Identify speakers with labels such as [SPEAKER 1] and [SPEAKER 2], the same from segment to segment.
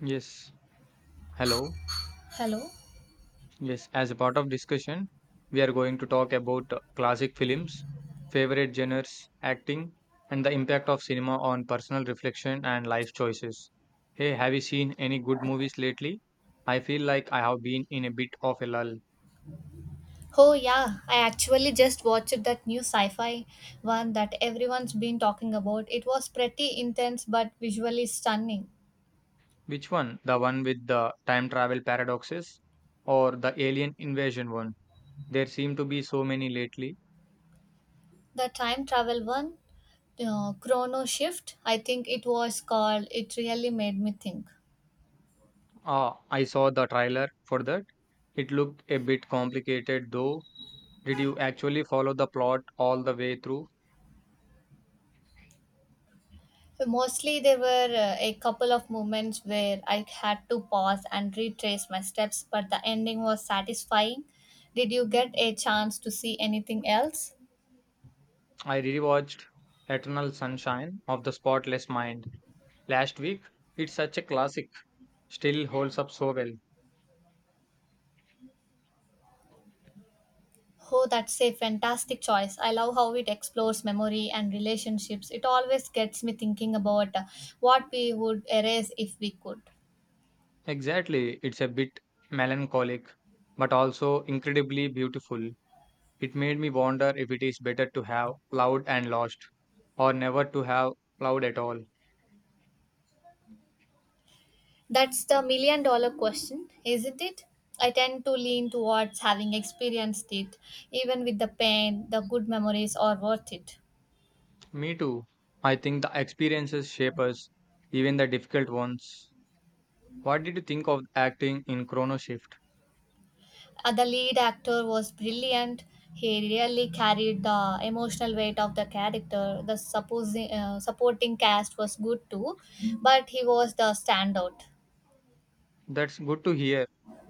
[SPEAKER 1] Yes, hello.
[SPEAKER 2] Hello.
[SPEAKER 1] Yes, as a part of discussion, we are going to talk about classic films, favorite genres, acting, and the impact of cinema on personal reflection and life choices. Hey, have you seen any good movies lately? I feel like I have been in a bit of a lull.
[SPEAKER 2] Oh yeah, I actually just watched that new sci-fi one that everyone's been talking about. It was pretty intense but visually stunning.
[SPEAKER 1] Which one? The one with the time travel paradoxes or the alien invasion one? There seem to be so many lately.
[SPEAKER 2] The time travel one, Chrono Shift, I think it was called. It really made me think.
[SPEAKER 1] Ah, I saw the trailer for that. It looked a bit complicated though. Did you actually follow the plot all the way through?
[SPEAKER 2] Mostly there were a couple of moments where I had to pause and retrace my steps, but the ending was satisfying. Did you get a chance to see anything else?
[SPEAKER 1] I rewatched Eternal Sunshine of the Spotless Mind last week. It's such a classic, still holds up so well.
[SPEAKER 2] Oh, that's a fantastic choice. I love how it explores memory and relationships. It always gets me thinking about what we would erase if we could.
[SPEAKER 1] Exactly, it's a bit melancholic, but also incredibly beautiful. It made me wonder if it is better to have loved and lost, or never to have loved at all.
[SPEAKER 2] That's the million dollar question, isn't it? I tend to lean towards having experienced it, even with the pain, the good memories are worth it.
[SPEAKER 1] Me too. I think the experiences shape us, even the difficult ones. What did you think of acting in Chrono Shift?
[SPEAKER 2] The lead actor was brilliant. He really carried the emotional weight of the character. The supporting cast was good too, but he was the standout.
[SPEAKER 1] That's good to hear.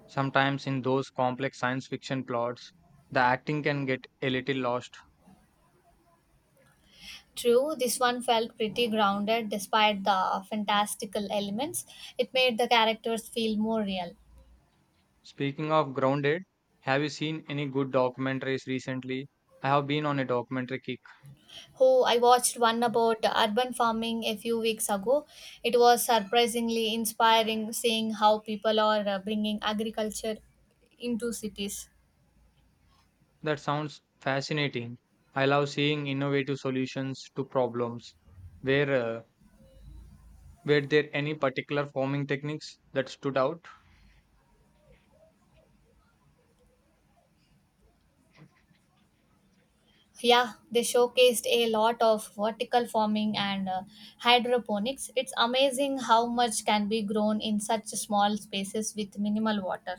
[SPEAKER 1] Sometimes in those complex science fiction plots, the acting can get a little lost.
[SPEAKER 2] True, this one felt pretty grounded despite the fantastical elements. It made the characters feel more real.
[SPEAKER 1] Speaking of grounded, have you seen any good documentaries recently? I have been on a documentary kick.
[SPEAKER 2] Who I watched one about urban farming a few weeks ago. It was surprisingly inspiring seeing how people are bringing agriculture into cities.
[SPEAKER 1] That sounds fascinating. I love seeing innovative solutions to problems. Were uh, were there any particular forming techniques that stood out?
[SPEAKER 2] Yeah, they showcased a lot of vertical farming and hydroponics. It's amazing how much can be grown in such small spaces with minimal water.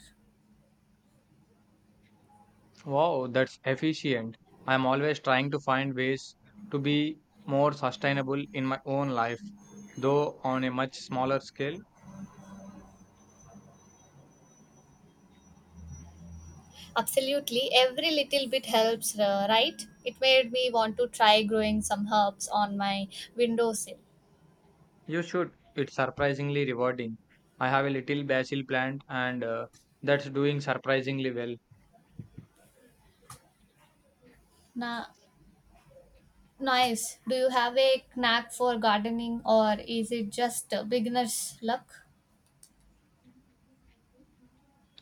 [SPEAKER 1] Wow, that's efficient. I'm always trying to find ways to be more sustainable in my own life, though on a much smaller scale.
[SPEAKER 2] Absolutely, every little bit helps, right? It made me want to try growing some herbs on my windowsill.
[SPEAKER 1] You should. It's surprisingly rewarding. I have a little basil plant, and that's doing surprisingly well.
[SPEAKER 2] Na- Nice. Do you have a knack for gardening, or is it just beginner's luck?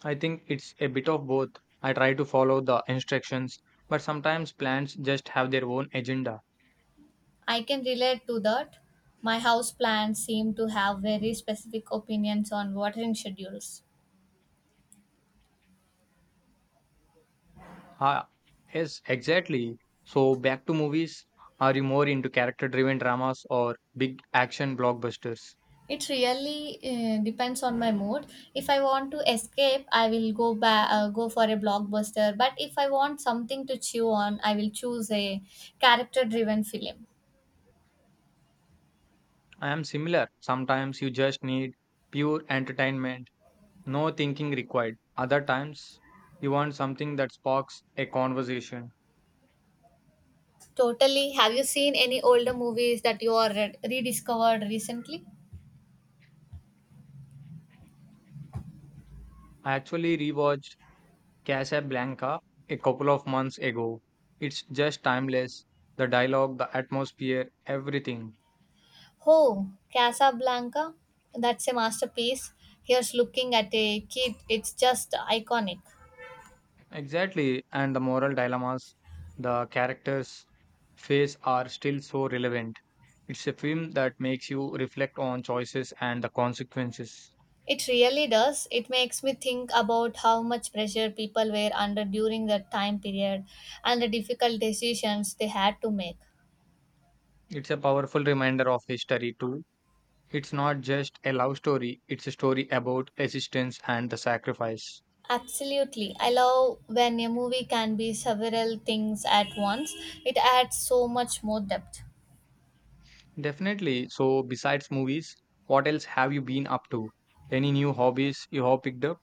[SPEAKER 1] I think it's a bit of both. I try to follow the instructions, but sometimes plants just have their own agenda.
[SPEAKER 2] I can relate to that. My house plants seem to have very specific opinions on watering schedules.
[SPEAKER 1] Ah, yes, exactly. So back to movies. Are you more into character-driven dramas or big action blockbusters?
[SPEAKER 2] It really depends on my mood. If I want to escape, I will go for a blockbuster. But if I want something to chew on, I will choose a character-driven film.
[SPEAKER 1] I am similar. Sometimes you just need pure entertainment, no thinking required. Other times you want something that sparks a conversation.
[SPEAKER 2] Totally. Have you seen any older movies that you are rediscovered recently?
[SPEAKER 1] I actually rewatched Casablanca a couple of months ago. It's just timeless. The dialogue, the atmosphere, everything.
[SPEAKER 2] Oh, Casablanca. That's a masterpiece. Here's looking at a kid. It's just iconic.
[SPEAKER 1] Exactly, and the moral dilemmas the characters face are still so relevant. It's a film that makes you reflect on choices and the consequences.
[SPEAKER 2] It really does. It makes me think about how much pressure people were under during that time period and the difficult decisions they had to make.
[SPEAKER 1] It's a powerful reminder of history, too. It's not just a love story, it's a story about resistance and the sacrifice.
[SPEAKER 2] Absolutely. I love when a movie can be several things at once. It adds so much more depth.
[SPEAKER 1] Definitely. So, besides movies, what else have you been up to? Any new hobbies you have picked up?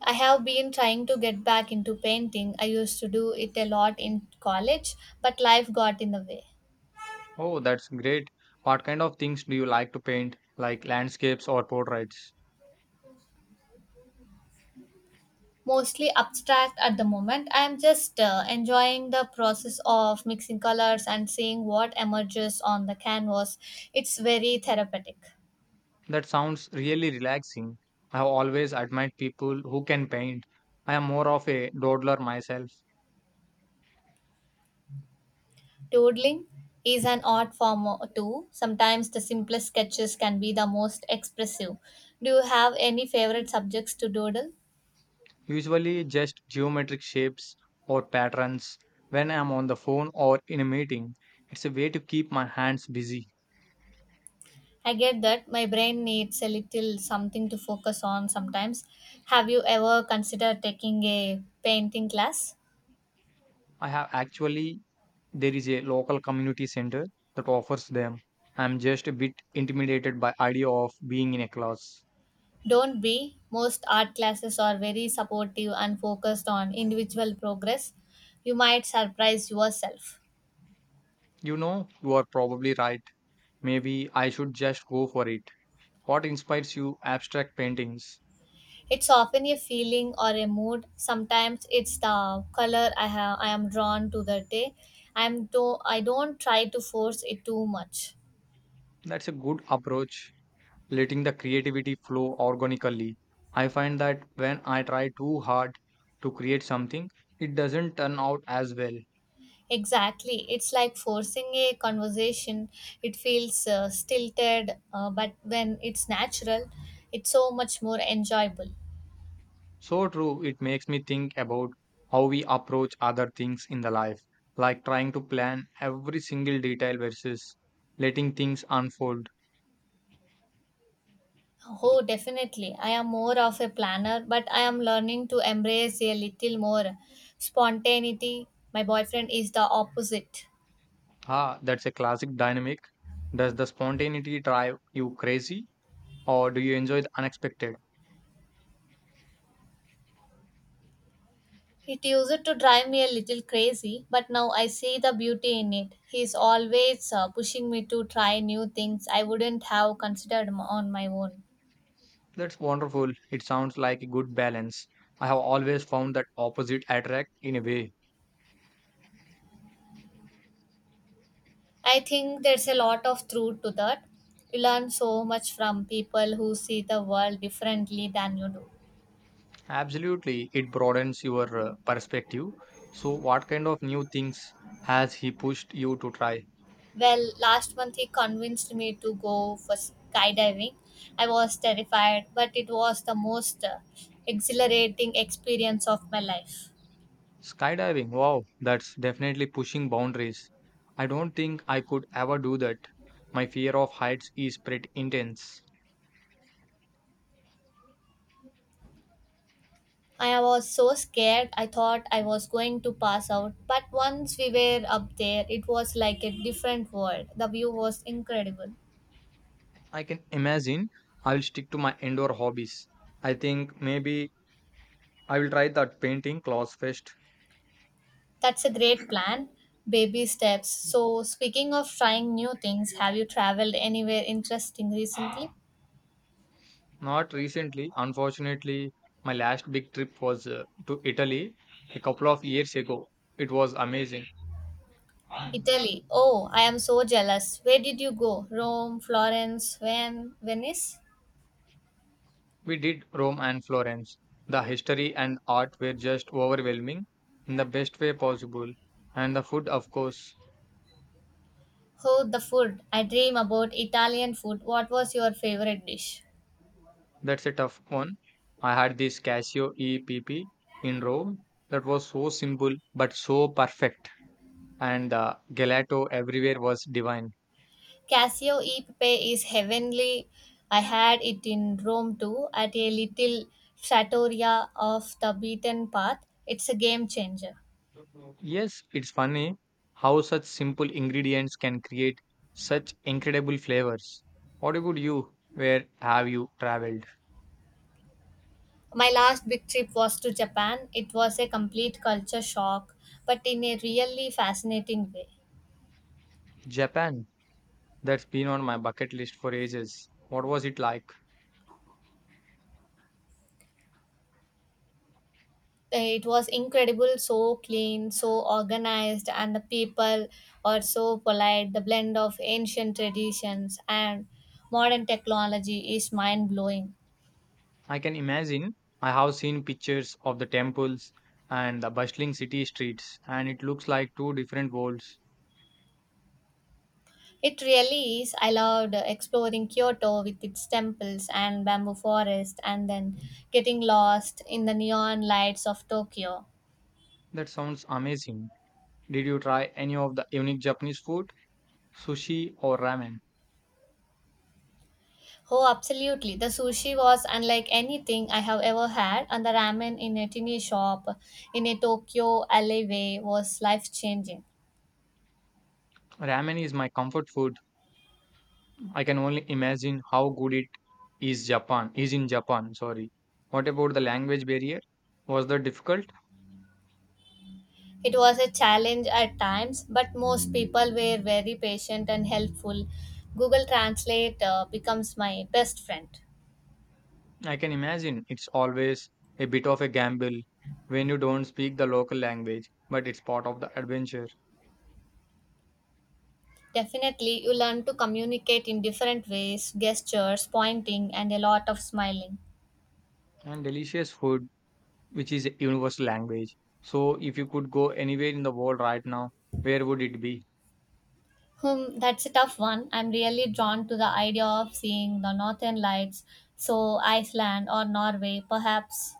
[SPEAKER 2] I have been trying to get back into painting. I used to do it a lot in college, but life got in the way.
[SPEAKER 1] Oh, that's great. What kind of things do you like to paint, like landscapes or portraits?
[SPEAKER 2] Mostly abstract at the moment. I am just enjoying the process of mixing colors and seeing what emerges on the canvas. It's very therapeutic.
[SPEAKER 1] That sounds really relaxing. I have always admired people who can paint. I am more of a doodler myself,
[SPEAKER 2] Doodling is an art form too. Sometimes the simplest sketches can be the most expressive. Do you have any favorite subjects to doodle?
[SPEAKER 1] usually just geometric shapes or patterns when I am on the phone or in a meeting. It's a way to keep my hands busy.
[SPEAKER 2] I get that my brain needs a little something to focus on sometimes. Have you ever considered taking a painting class?
[SPEAKER 1] I have actually, there is a local community center that offers them. I'm just a bit intimidated by idea of being in a class.
[SPEAKER 2] Don't be. Most art classes are very supportive and focused on individual progress. You might surprise yourself.
[SPEAKER 1] You know, you are probably right. Maybe I should just go for it. What inspires you abstract paintings?
[SPEAKER 2] It's often a feeling or a mood. Sometimes it's the color I am drawn to that day. I don't try to force it too much.
[SPEAKER 1] That's a good approach, letting the creativity flow organically. I find that when I try too hard to create something, it doesn't turn out as well.
[SPEAKER 2] Exactly. It's like forcing a conversation. It feels stilted, but when it's natural, it's so much more enjoyable.
[SPEAKER 1] So true, it makes me think about how we approach other things in the life, like trying to plan every single detail versus letting things unfold.
[SPEAKER 2] Oh, definitely. I am more of a planner, but I am learning to embrace a little more spontaneity. My boyfriend is the opposite.
[SPEAKER 1] Ah, that's a classic dynamic. Does the spontaneity drive you crazy, or do you enjoy the unexpected?
[SPEAKER 2] It used to drive me a little crazy, but now I see the beauty in it. He is always pushing me to try new things I wouldn't have considered on my own.
[SPEAKER 1] That's wonderful. It sounds like a good balance. I have always found that opposite attract in a way.
[SPEAKER 2] I think there's a lot of truth to that. You learn so much from people who see the world differently than you do.
[SPEAKER 1] Absolutely, it broadens your perspective. So, what kind of new things has he pushed you to try?
[SPEAKER 2] Well, last month he convinced me to go for skydiving. I was terrified, but it was the most exhilarating experience of my life.
[SPEAKER 1] Skydiving. Wow, that's definitely pushing boundaries. I don't think I could ever do that. My fear of heights is pretty intense.
[SPEAKER 2] I was so scared, I thought I was going to pass out. But once we were up there, it was like a different world. The view was incredible.
[SPEAKER 1] I can imagine I'll stick to my indoor hobbies. I think maybe I will try that painting class first.
[SPEAKER 2] That's a great plan. Baby steps. So, speaking of trying new things, have you traveled anywhere interesting recently?
[SPEAKER 1] Not recently. Unfortunately, my last big trip was to Italy a couple of years ago. It was amazing.
[SPEAKER 2] Italy. Oh, I am so jealous. Where did you go? Rome, Florence, Venice?
[SPEAKER 1] We did Rome and Florence. The history and art were just overwhelming in the best way possible. And the food, of course,
[SPEAKER 2] Oh, the food. I dream about Italian food. What was your favorite dish?
[SPEAKER 1] that's a tough one. I had this Casio EPP in Rome that was so simple but so perfect. And the gelato everywhere was divine.
[SPEAKER 2] Cassio e pepe is heavenly. I had it in Rome too, at a little trattoria off the beaten path. It's a game changer.
[SPEAKER 1] Yes, it's funny how such simple ingredients can create such incredible flavors. What about you? Where have you traveled?
[SPEAKER 2] My last big trip was to Japan. It was a complete culture shock, but in a really fascinating way.
[SPEAKER 1] Japan. That's been on my bucket list for ages. What was it like?
[SPEAKER 2] It was incredible, so clean, so organized, and the people are so polite. The blend of ancient traditions and modern technology is mind blowing.
[SPEAKER 1] I can imagine. I have seen pictures of the temples and the bustling city streets, and it looks like two different worlds.
[SPEAKER 2] It really is. I loved exploring Kyoto with its temples and bamboo forest, and then getting lost in the neon lights of Tokyo.
[SPEAKER 1] That sounds amazing. Did you try any of the unique Japanese food? Sushi or ramen?
[SPEAKER 2] Oh, absolutely. The sushi was unlike anything I have ever had, and the ramen in a tiny shop in a Tokyo alleyway was life changing.
[SPEAKER 1] Ramen is my comfort food. I can only imagine how good it is in Japan, sorry. What about the language barrier? Was that difficult?
[SPEAKER 2] It was a challenge at times, but most people were very patient and helpful. Google Translate becomes my best friend.
[SPEAKER 1] I can imagine it's always a bit of a gamble when you don't speak the local language, but it's part of the adventure.
[SPEAKER 2] Definitely, you learn to communicate in different ways: gestures, pointing, and a lot of smiling.
[SPEAKER 1] And delicious food, which is a universal language. So if you could go anywhere in the world right now, where would it be?
[SPEAKER 2] Hmm, that's a tough one. I'm really drawn to the idea of seeing the northern lights, so Iceland or Norway, perhaps.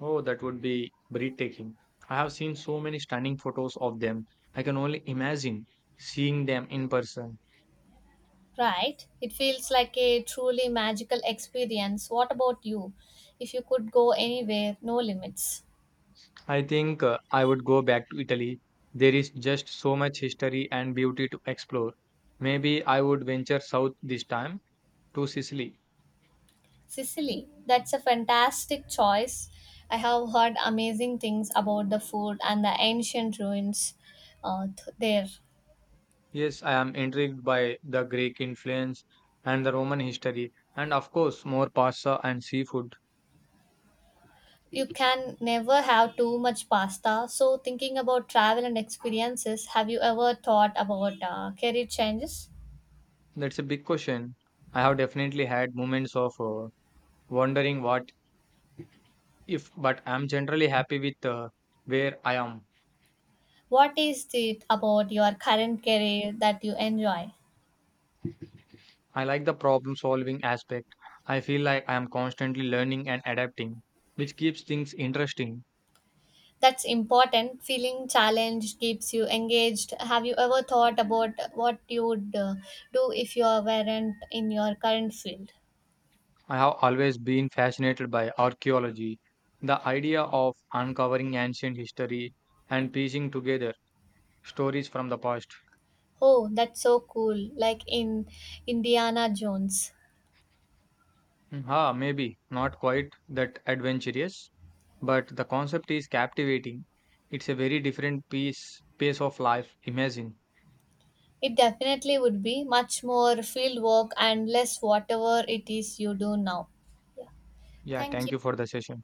[SPEAKER 1] Oh, that would be breathtaking. I have seen so many stunning photos of them. I can only imagine seeing them in person.
[SPEAKER 2] Right? It feels like a truly magical experience. What about you? If you could go anywhere, no limits.
[SPEAKER 1] I think I would go back to Italy. There is just so much history and beauty to explore. Maybe I would venture south this time to Sicily.
[SPEAKER 2] Sicily, that's a fantastic choice. I have heard amazing things about the food and the ancient ruins there.
[SPEAKER 1] Yes, I am intrigued by the Greek influence and the Roman history, and of course, more pasta and seafood.
[SPEAKER 2] You can never have too much pasta. So, thinking about travel and experiences, have you ever thought about career changes?
[SPEAKER 1] That's a big question. I have definitely had moments of wondering what if, but I'm generally happy with where I am.
[SPEAKER 2] What is it about your current career that you enjoy?
[SPEAKER 1] I like the problem solving aspect. I feel like I am constantly learning and adapting, which keeps things interesting.
[SPEAKER 2] That's important. Feeling challenged keeps you engaged. Have you ever thought about what you would do if you weren't in your current field?
[SPEAKER 1] I have always been fascinated by archaeology, the idea of uncovering ancient history and piecing together stories from the past.
[SPEAKER 2] Oh, that's so cool. Like in Indiana Jones.
[SPEAKER 1] Mm, Ha, maybe not quite that adventurous, but the concept is captivating. It's a very different piece pace of life. Imagine.
[SPEAKER 2] It definitely would be much more field work and less whatever it is you do now. Yeah.
[SPEAKER 1] Yeah,
[SPEAKER 2] Thank
[SPEAKER 1] thank
[SPEAKER 2] you.
[SPEAKER 1] you for the session.